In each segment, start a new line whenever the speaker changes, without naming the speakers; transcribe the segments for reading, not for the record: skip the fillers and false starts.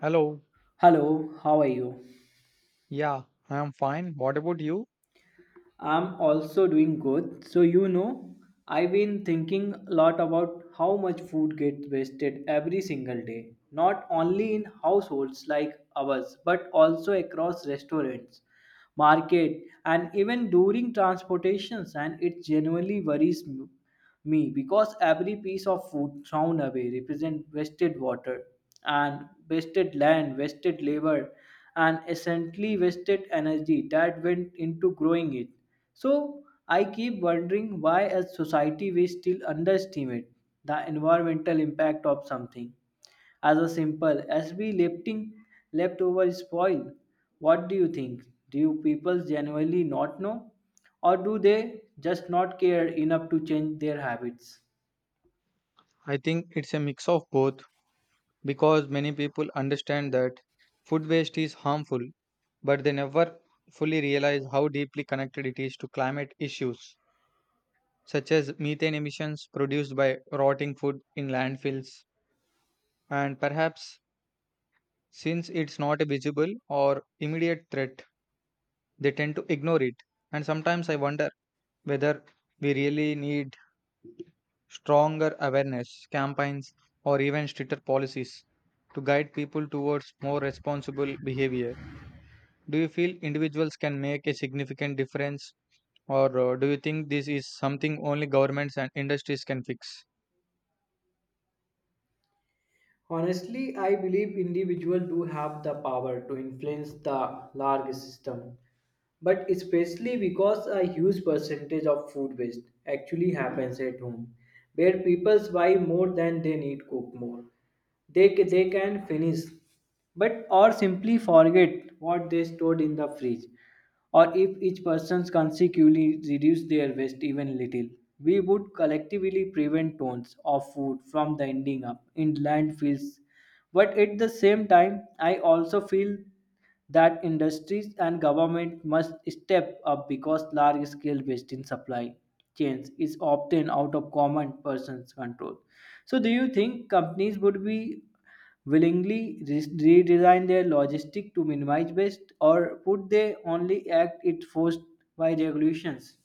Hello.
Hello, how are you?
Yeah, I am fine. What about you?
I'm also doing good. I've been thinking a lot about how much food gets wasted every single day, not only in households like ours, but also across restaurants, market, and even during transportations, and it genuinely worries me, because every piece of food thrown away represents wasted water and wasted land, wasted labor, and essentially wasted energy that went into growing it. So I keep wondering why, as society, we still underestimate the environmental impact of something as a simple as we lifting leftover spoil. What do you think? Do you people genuinely not know? Or do they just not care enough to change their habits?
I think it's a mix of both because many people understand that food waste is harmful, but they never fully realize how deeply connected it is to climate issues, such as methane emissions produced by rotting food in landfills. And perhaps since it's not a visible or immediate threat, they tend to ignore it. And sometimes I wonder whether we really need stronger awareness campaigns, or even stricter policies to guide people towards more responsible behavior. Do you feel individuals can make a significant difference, or do you think this is something only governments and industries can fix?
Honestly, I believe individuals do have the power to influence the larger system, but especially because a huge percentage of food waste actually happens at home, where people buy more than they need, cook more. They, they can finish, but or simply forget what they stored in the fridge. Or if each person consecutively reduced their waste even little, we would collectively prevent tons of food from the ending up in landfills, but at the same time, I also feel that industries and government must step up because large scale waste in supply chains is often out of common person's control. So, do you think companies would be willingly redesign their logistic to minimize waste, or would they only act it forced by regulations?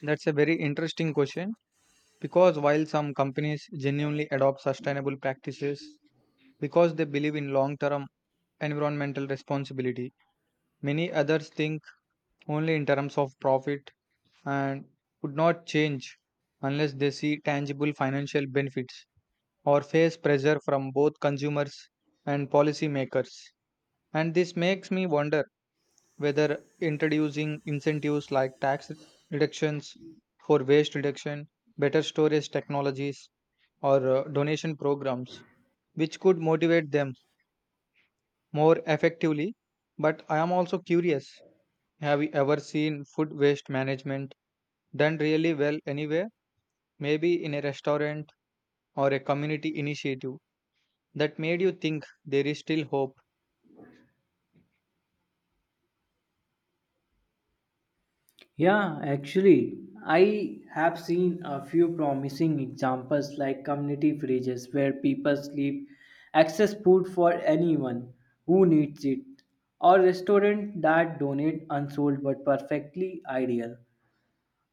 That's a very interesting question because while some companies genuinely adopt sustainable practices because they believe in long term environmental responsibility, many others think only in terms of profit and would not change unless they see tangible financial benefits or face pressure from both consumers and policymakers. And this makes me wonder whether introducing incentives like tax reductions for waste reduction, better storage technologies, or donation programs, which could motivate them more effectively. But I am also curious, have you ever seen food waste management done really well anywhere? Maybe in a restaurant or a community initiative that made you think there is still hope?
Yeah, actually, I have seen a few promising examples like community fridges where people sleep access food for anyone who needs it, or restaurants that donate unsold but perfectly ideal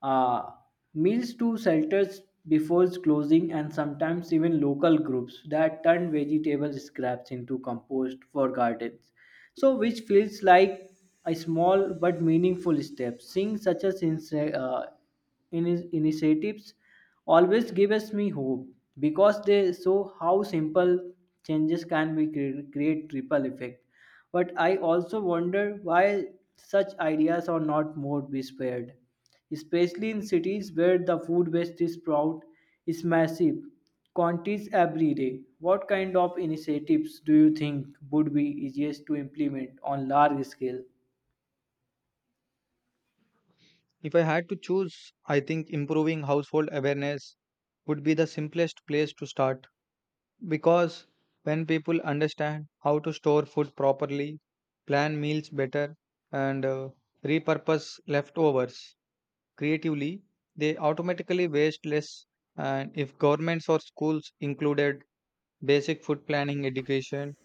uh, meals to shelters before closing, and sometimes even local groups that turn vegetable scraps into compost for gardens, so which feels like a small but meaningful step. Seeing such as uh, initiatives always gives me hope because they show how simple changes can be create triple effect. But I also wonder why such ideas are not more spread, especially in cities where the food waste is proud is massive quantities every day. What kind of initiatives do you think would be easiest to implement on large scale?
If I had to choose, I think improving household awareness would be the simplest place to start because when people understand how to store food properly, plan meals better, and repurpose leftovers creatively, they automatically waste less. And if governments or schools included basic food planning education,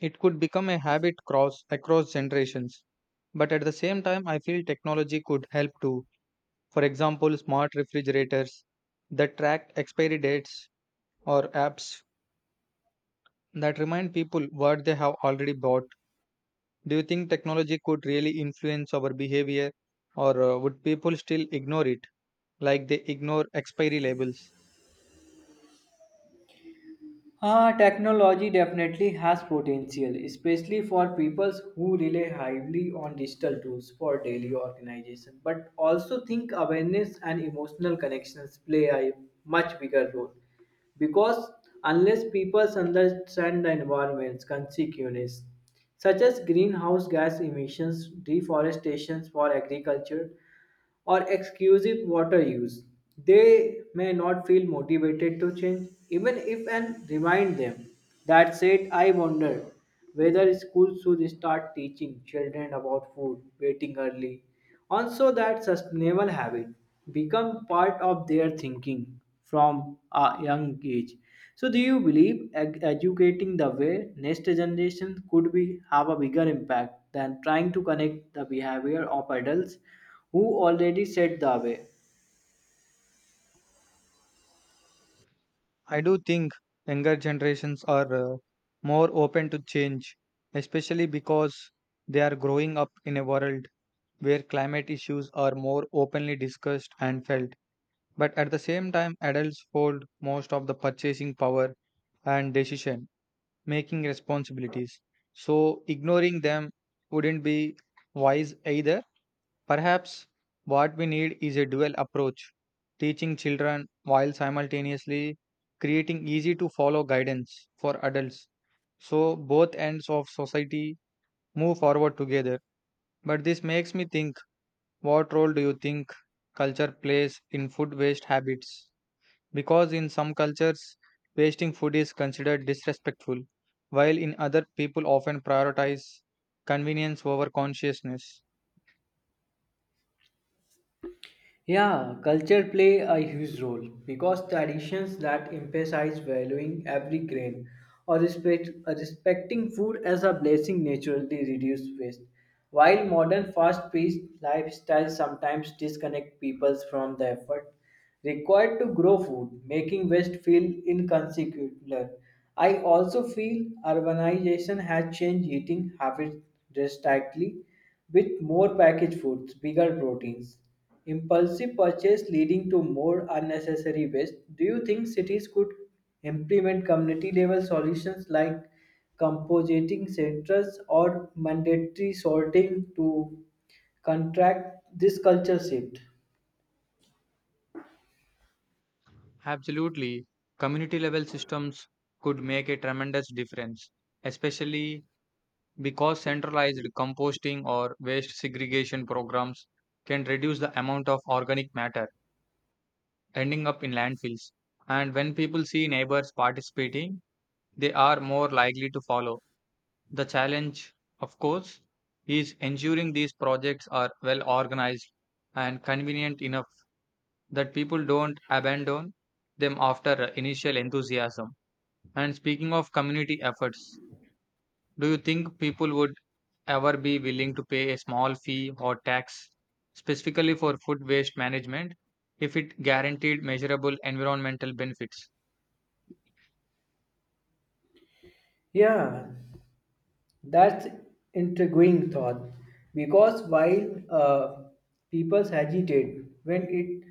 it could become a habit cross across generations. But at the same time, I feel technology could help too. For example, smart refrigerators that track expiry dates or apps that remind people what they have already bought. Do you think technology could really influence our behavior, or would people still ignore it like they ignore expiry labels?
Ah, technology definitely has potential, especially for people who rely heavily on digital tools for daily organization. But also think awareness and emotional connections play a much bigger role. Because unless people understand the environment's consequences, such as greenhouse gas emissions, deforestation for agriculture, or exclusive water use. They may not feel motivated to change, even if and remind them. That said, I wonder whether schools should start teaching children about food, waiting early, and so that sustainable habit become part of their thinking from a young age. So, do you believe educating the way next generation could be have a bigger impact than trying to connect the behavior of adults who already set the way?
I do think younger generations are more open to change, especially because they are growing up in a world where climate issues are more openly discussed and felt. But at the same time, adults hold most of the purchasing power and decision making responsibilities. So, ignoring them wouldn't be wise either. Perhaps what we need is a dual approach, teaching children while simultaneously creating easy to follow guidance for adults, so both ends of society move forward together. But this makes me think, what role do you think culture plays in food waste habits? Because in some cultures, wasting food is considered disrespectful, while in other, people often prioritize convenience over consciousness.
Yeah, culture play a huge role because traditions that emphasize valuing every grain or respecting food as a blessing naturally reduce waste, while modern fast-paced lifestyles sometimes disconnect people from the effort required to grow food, making waste feel inconsequential. I also feel urbanization has changed eating habits drastically, with more packaged foods, bigger proteins. Impulsive purchase leading to more unnecessary waste. Do you think cities could implement community level solutions like compositing centers or mandatory sorting to contract this culture shift?
Absolutely. Community level systems could make a tremendous difference, especially because centralized composting or waste segregation programs can reduce the amount of organic matter ending up in landfills. And when people see neighbors participating, they are more likely to follow. The challenge, of course, is ensuring these projects are well organized and convenient enough that people don't abandon them after initial enthusiasm. And speaking of community efforts, do you think people would ever be willing to pay a small fee or tax specifically for food waste management if it guaranteed measurable environmental benefits?
Yeah, that's intriguing thought because while people hesitate when it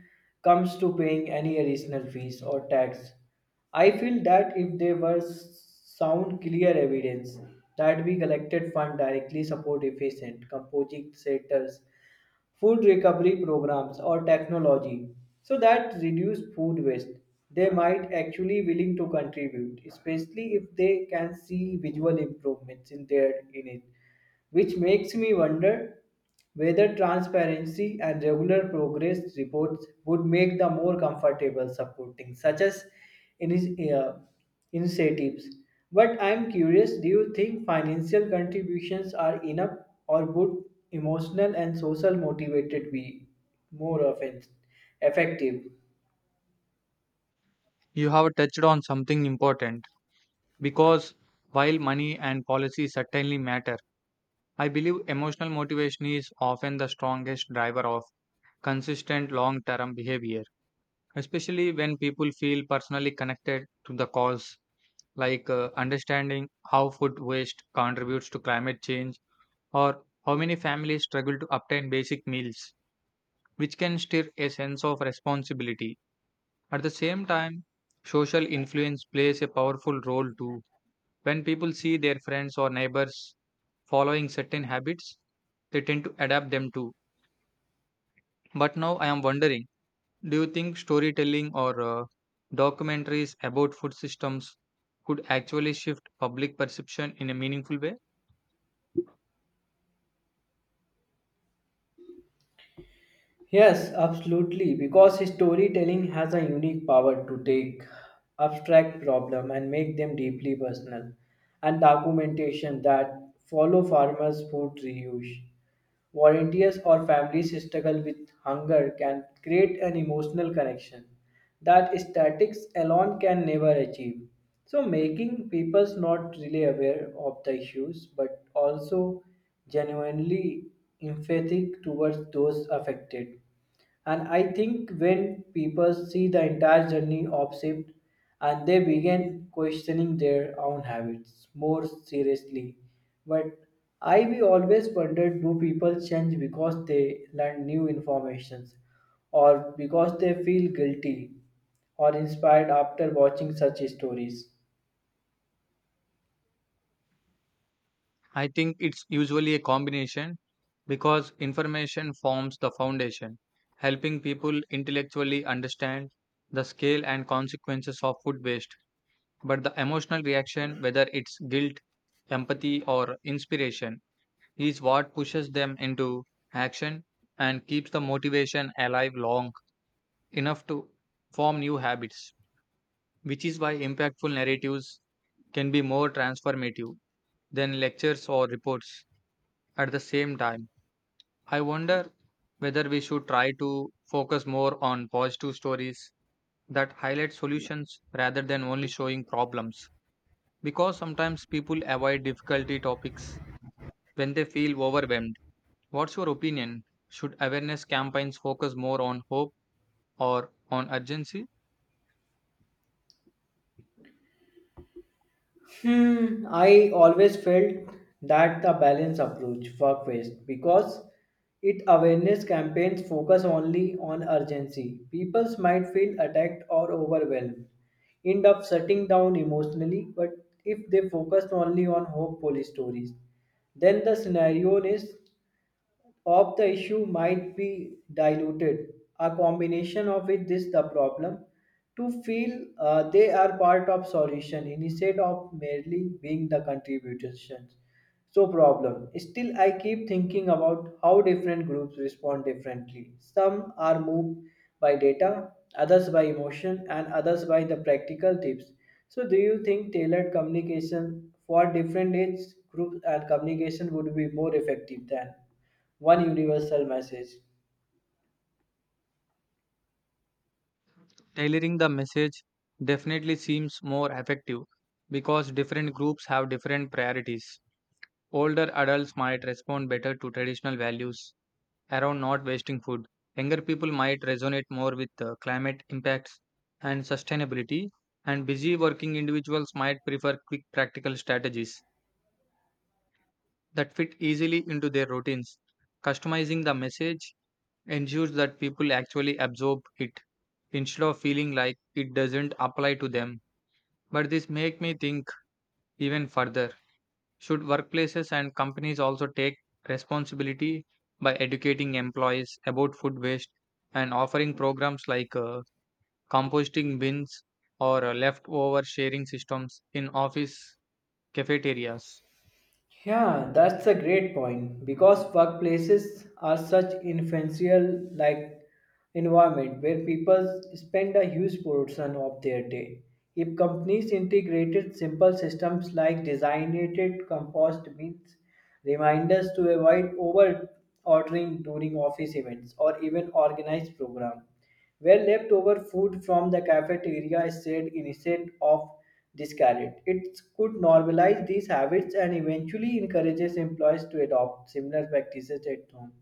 comes to paying any additional fees or tax, I feel that if there was sound clear evidence that we collected fund directly support efficient composing sectors, food recovery programs or technology so that reduce food waste, they might actually willing to contribute, especially if they can see visual improvements in their in it, which makes me wonder whether transparency and regular progress reports would make the more comfortable supporting such as in his, uh, incentives. But I'm curious, do you think financial contributions are enough, or would emotional and social motivated be more often effective?
You have touched on something important, because while money and policy certainly matter, I believe emotional motivation is often the strongest driver of consistent long term behavior, especially when people feel personally connected to the cause, like understanding how food waste contributes to climate change or how many families struggle to obtain basic meals, which can stir a sense of responsibility. At the same time, social influence plays a powerful role too. When people see their friends or neighbors following certain habits, they tend to adapt them to. But now I am wondering, do you think storytelling or documentaries about food systems could actually shift public perception in a meaningful way?
Yes, absolutely, because storytelling has a unique power to take abstract problem and make them deeply personal, and documentation that follow farmers, food reuse, volunteers or families struggle with hunger can create an emotional connection that statistics alone can never achieve. So, making people not really aware of the issues but also genuinely empathic towards those affected. And I think when people see the entire journey of shift and they begin questioning their own habits more seriously. But I we always wondered, do people change because they learn new informations, or because they feel guilty or inspired after watching such stories.
I think it's usually a combination because information forms the foundation, helping people intellectually understand the scale and consequences of food waste. But the emotional reaction, whether it's guilt, empathy, or inspiration, is what pushes them into action and keeps the motivation alive long enough to form new habits, which is why impactful narratives can be more transformative than lectures or reports at the same time. I wonder whether we should try to focus more on positive stories that highlight solutions rather than only showing problems, because sometimes people avoid difficulty topics when they feel overwhelmed. What's your opinion? Should awareness campaigns focus more on hope or on urgency?
Hmm, I always felt that the balance approach work best because it awareness campaigns focus only on urgency. People might feel attacked or overwhelmed, end up shutting down emotionally, but if they focus only on hopeful stories, then the scenario is of the issue might be diluted. A combination of it is the problem to feel they are part of solution instead of merely being the contributions. So problem. Still, I keep thinking about how different groups respond differently. Some are moved by data, others by emotion, and others by the practical tips. So, do you think tailored communication for different age groups and communication would be more effective than one universal message?
Tailoring the message definitely seems more effective because different groups have different priorities. Older adults might respond better to traditional values around not wasting food. Younger people might resonate more with climate impacts and sustainability, and busy working individuals might prefer quick practical strategies that fit easily into their routines. Customizing the message ensures that people actually absorb it instead of feeling like it doesn't apply to them. But this make me think even further. Should workplaces and companies also take responsibility by educating employees about food waste and offering programs like composting bins or leftover sharing systems in office cafeterias?
Yeah, that's a great point because workplaces are such influential like environment where people spend a huge portion of their day. If companies integrated simple systems like designated compost bins, reminders to avoid over ordering during office events or even organized program where leftover food from the cafeteria is shared instead of discarded, it could normalize these habits and eventually encourages employees to adopt similar practices at home.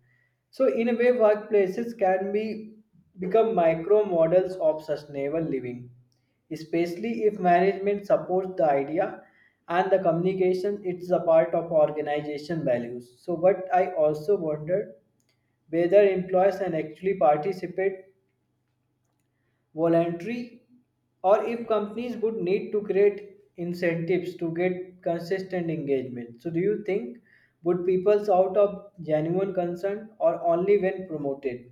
So, in a way, workplaces can be become micro models of sustainable living, especially if management supports the idea and the communication it's a part of organization values. So, but I also wondered whether employees can actually participate voluntary or if companies would need to create incentives to get consistent engagement. So, do you think would people's out of genuine concern or only when promoted?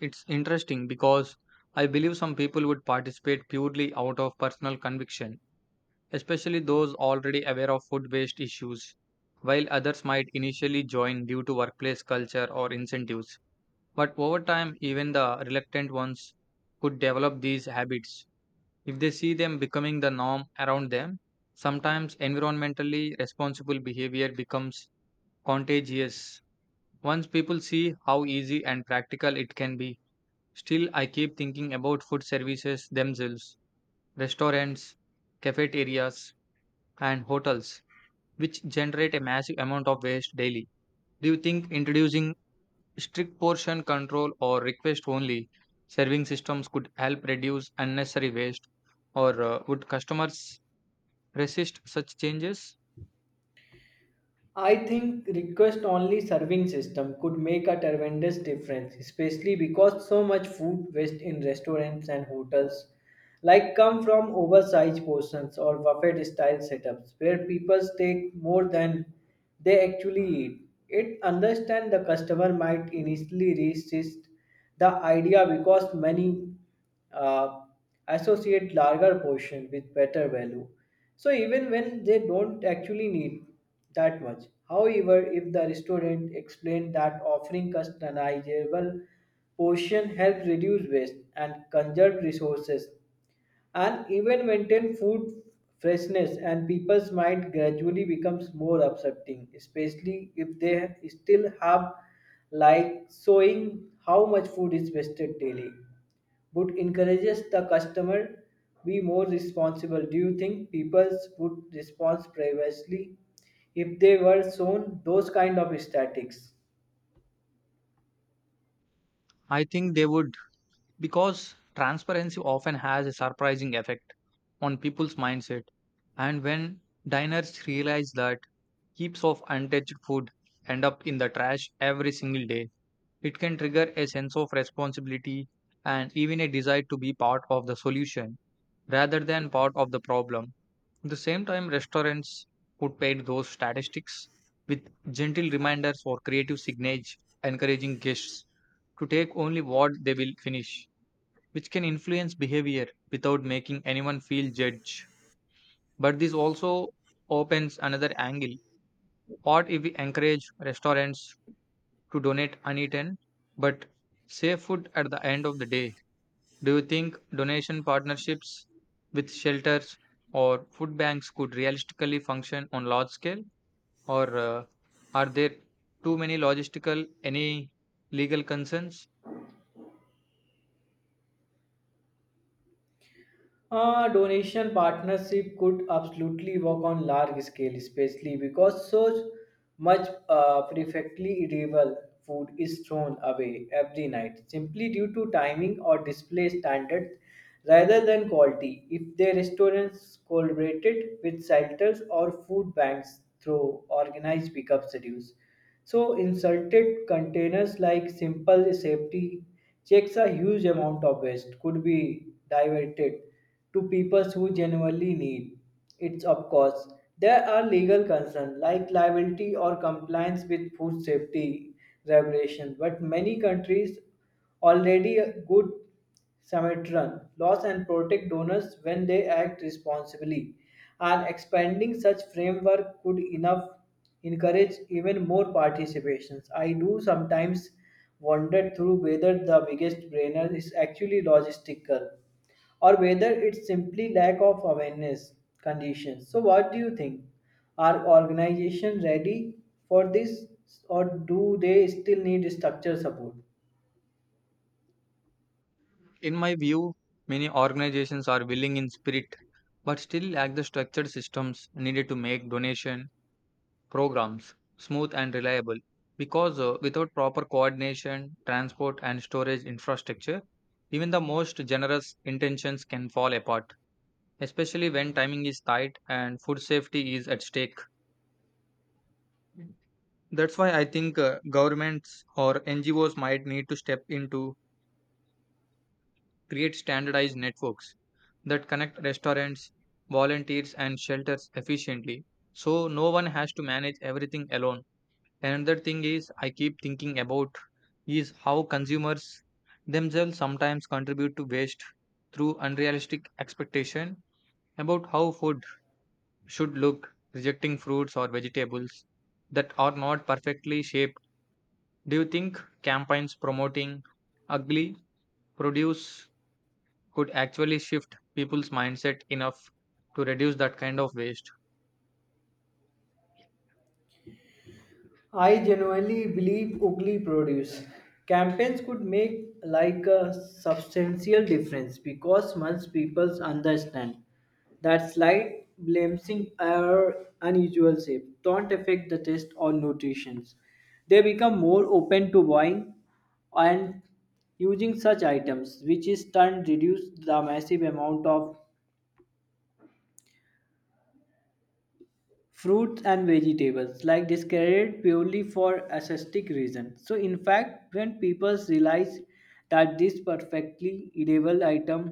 It's interesting because I believe some people would participate purely out of personal conviction, especially those already aware of food waste issues, while others might initially join due to workplace culture or incentives. But over time, even the reluctant ones could develop these habits if they see them becoming the norm around them. Sometimes environmentally responsible behavior becomes contagious. Once people see how easy and practical it can be, still I keep thinking about food services themselves, restaurants, cafeterias, and hotels, which generate a massive amount of waste daily. Do you think introducing strict portion control or request only serving systems could help reduce unnecessary waste, or would customers resist such changes?
I think request only serving system could make a tremendous difference, especially because so much food waste in restaurants and hotels like come from oversized portions or buffet style setups where people take more than they actually eat. It understand the customer might initially resist the idea because many uh, associate larger portion with better value. So even when they don't actually need that much. However, if the restaurant explain that offering customizable portion helps reduce waste and conserve resources and even maintain food freshness, and people's mind gradually becomes more accepting, especially if they still have like showing how much food is wasted daily would encourages the customer be more responsible. Do you think people would respond previously if they were shown those kind of statistics?
I think they would because transparency often has a surprising effect on people's mindset. And when diners realize that heaps of untouched food end up in the trash every single day, it can trigger a sense of responsibility and even a desire to be part of the solution rather than part of the problem. At the same time, restaurants would paint those statistics with gentle reminders or creative signage, encouraging guests to take only what they will finish, which can influence behavior without making anyone feel judged. But this also opens another angle. What if we encourage restaurants to donate uneaten but save food at the end of the day? Do you think donation partnerships with shelters or food banks could realistically function on large scale, or are there too many logistical, any legal concerns?
Donation partnership could absolutely work on large scale, especially because so much perfectly edible food is thrown away every night simply due to timing or display standards rather than quality. If the restaurants collaborated with shelters or food banks through organized pickup schedules, so inserted containers like simple safety checks, a huge amount of waste could be diverted to people who genuinely need it. Of course, there are legal concerns like liability or compliance with food safety regulations, but many countries already good Samaritan laws and protect donors when they act responsibly. And expanding such framework could enough encourage even more participations. I do sometimes wonder through whether the biggest brainer is actually logistical or whether it's simply lack of awareness conditions. So, what do you think? Are organizations ready for this, or do they still need structure support?
In my view, many organizations are willing in spirit but still lack the structured systems needed to make donation programs smooth and reliable, because without proper coordination, transport, and storage infrastructure, even the most generous intentions can fall apart, especially when timing is tight and food safety is at stake. That's why I think governments or NGOs might need to step in to create standardized networks that connect restaurants, volunteers, and shelters efficiently, so no one has to manage everything alone. Another thing is I keep thinking about is how consumers themselves sometimes contribute to waste through unrealistic expectation about how food should look, rejecting fruits or vegetables that are not perfectly shaped. Do you think campaigns promoting ugly produce could actually shift people's mindset enough to reduce that kind of waste?
I genuinely believe ugly produce campaigns could make like a substantial difference because once people understand that slight blemishes or unusual shape don't affect the taste or nutrition, they become more open to buying and using such items, which is turn reduce the massive amount of fruits and vegetables like discarded purely for aesthetic reasons. So in fact, when people realize that these perfectly edible items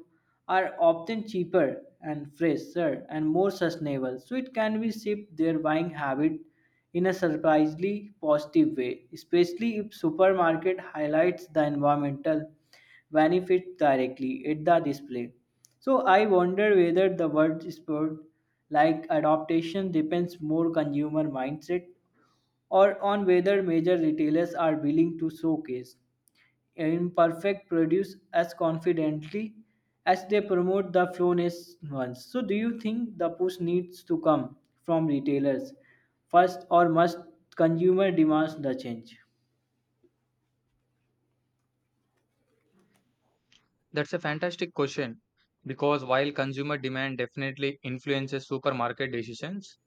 are often cheaper and fresher and more sustainable, so it can be shift their buying habit in a surprisingly positive way, especially if supermarket highlights the environmental benefits directly at the display. So I wonder whether the word sport like adaptation depends more consumer mindset or on whether major retailers are willing to showcase imperfect produce as confidently as they promote the flawless ones. So do you think the push needs to come from retailers first, or must consumer demands the change?
That's a fantastic question because while consumer demand definitely influences supermarket decisions,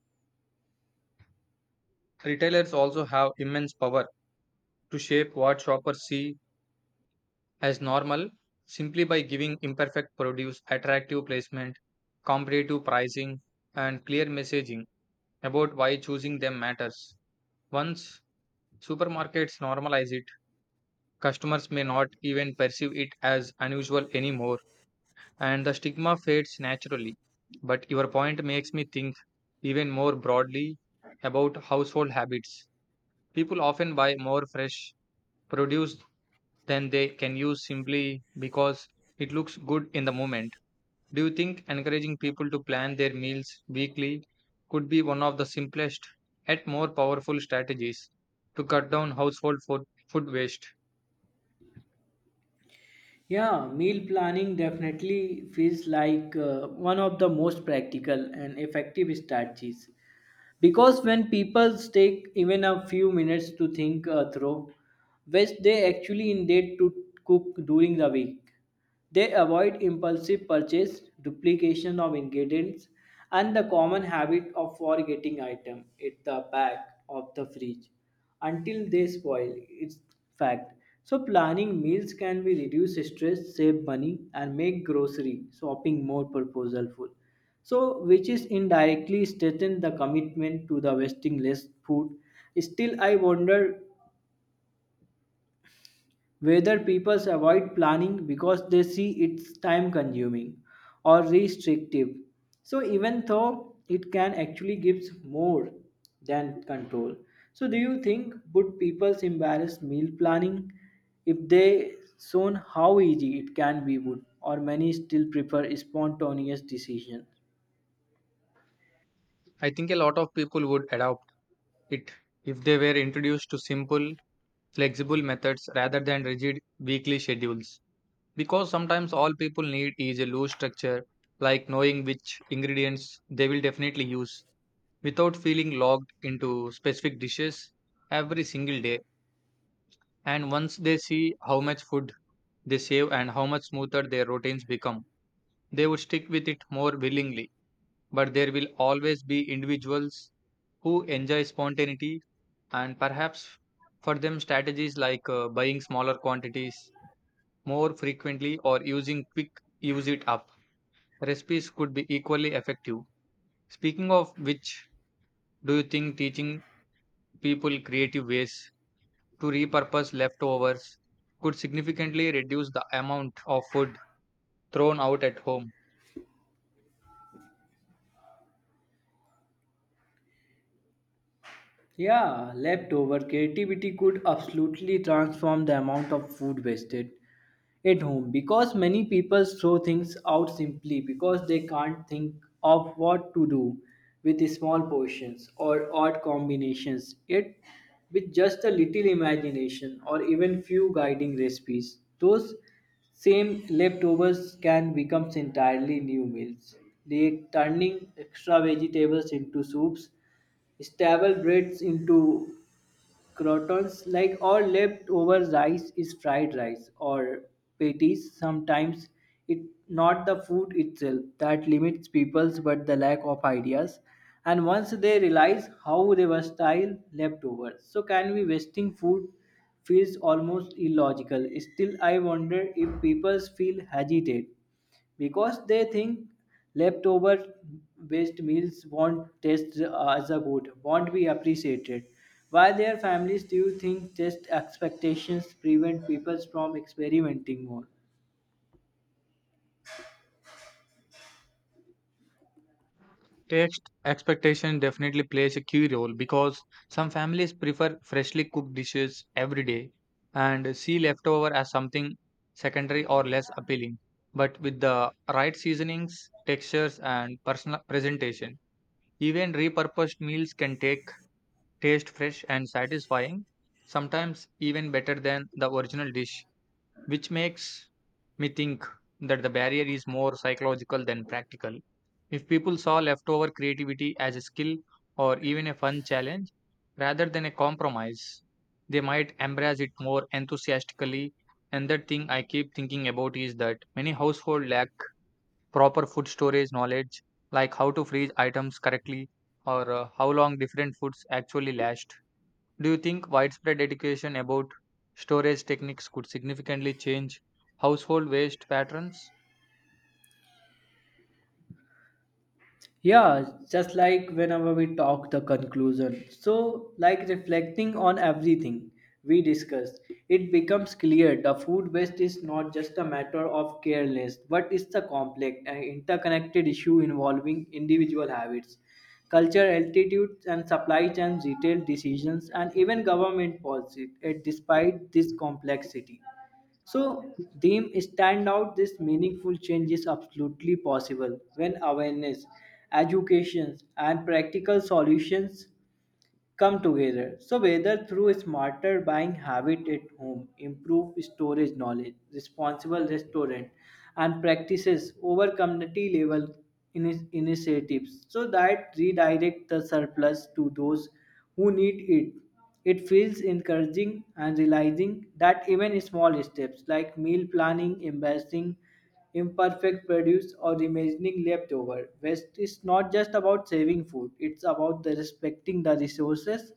retailers also have immense power to shape what shoppers see as normal, simply by giving imperfect produce attractive placement, competitive pricing, and clear messaging about why choosing them matters. Once supermarkets normalize it, customers may not even perceive it as unusual anymore, and the stigma fades naturally. But your point makes me think even more broadly about household habits. People often buy more fresh produce than they can use simply because it looks good in the moment. Do you think encouraging people to plan their meals weekly could be one of the simplest yet more powerful strategies to cut down household food waste?
Yeah, meal planning definitely feels like one of the most practical and effective strategies because when people take even a few minutes to think through which they actually intend to cook during the week, they avoid impulsive purchase, duplication of ingredients, and the common habit of forgetting item at the back of the fridge until they spoil. It's fact. So planning meals can be reduce stress, save money, and make grocery shopping more purposeful. So which is indirectly strengthen the commitment to the wasting less food. Still, I wonder whether people avoid planning because they see it's time consuming or restrictive. So, even though it can actually gives more than control. So, do you think would people embarrass meal planning if they shown how easy it can be would, or many still prefer spontaneous decision?
I think a lot of people would adopt it if they were introduced to simple, flexible methods rather than rigid weekly schedules. Because sometimes all people need is a loose structure, like knowing which ingredients they will definitely use without feeling locked into specific dishes every single day. And once they see how much food they save and how much smoother their routines become, they would stick with it more willingly. But there will always be individuals who enjoy spontaneity, and perhaps for them, strategies like buying smaller quantities more frequently or using quick use it up recipes could be equally effective. Speaking of which, do you think teaching people creative ways to repurpose leftovers could significantly reduce the amount of food thrown out at home?
Yeah, leftover creativity could absolutely transform the amount of food wasted at home because many people throw things out simply because they can't think of what to do with small portions or odd combinations. Yet, with just a little imagination or even few guiding recipes, those same leftovers can become entirely new meals, like turning extra vegetables into soups, stable breads into croutons, like all leftover rice is fried rice or patties. Sometimes it not the food itself that limits peoples but the lack of ideas, and once they realize how they were style leftovers so can be, wasting food feels almost illogical. Still, I wonder if peoples feel hesitate because they think leftover waste meals won't taste as a good, won't be appreciated. While their families, do you think taste expectations prevent people from experimenting more?
Taste expectation definitely plays a key role because some families prefer freshly cooked dishes every day and see leftover as something secondary or less appealing. But with the right seasonings, textures, and personal presentation, even repurposed meals can take taste fresh and satisfying, sometimes even better than the original dish, which makes me think that the barrier is more psychological than practical. If people saw leftover creativity as a skill or even a fun challenge rather than a compromise, they might embrace it more enthusiastically. And that thing I keep thinking about is that many households lack proper food storage knowledge, like how to freeze items correctly or how long different foods actually last. Do you think widespread education about storage techniques could significantly change household waste patterns?
Yeah, just like whenever we talk the conclusion. So, like reflecting on everything we discussed, it becomes clear the food waste is not just a matter of carelessness, but it's a complex and interconnected issue involving individual habits, culture, altitudes, and supply chains, retail decisions, and even government policy. Despite this complexity. So them stand out this meaningful change is absolutely possible when awareness, education and practical solutions come together. So whether through smarter buying habit at home, improved storage knowledge, responsible restaurant and practices over community level initiatives so that redirect the surplus to those who need it, it feels encouraging and realizing that even small steps like meal planning, embracing imperfect produce, or reimagining leftover waste is not just about saving food, it's about the respecting the resources,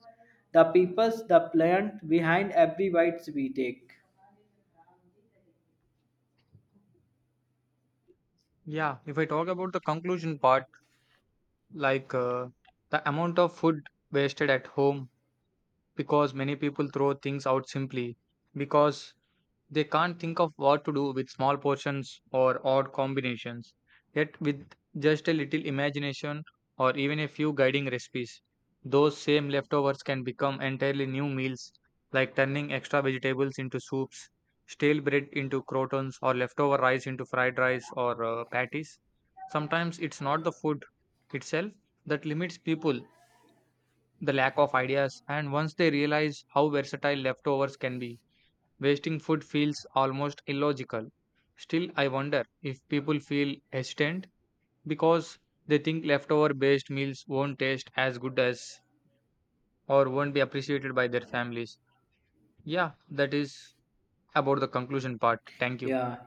the peoples, the plant behind every bite we take.
Yeah, if I talk about the conclusion part, like the amount of food wasted at home, because many people throw things out simply because they can't think of what to do with small portions or odd combinations. Yet, with just a little imagination or even a few guiding recipes, those same leftovers can become entirely new meals, like turning extra vegetables into soups, stale bread into croutons, or leftover rice into fried rice or patties. Sometimes it's not the food itself that limits people, the lack of ideas, and once they realize how versatile leftovers can be, wasting food feels almost illogical. Still, I wonder if people feel hesitant because they think leftover based meals won't taste as good as or won't be appreciated by their families. Yeah, that is about the conclusion part. Thank you.
Yeah,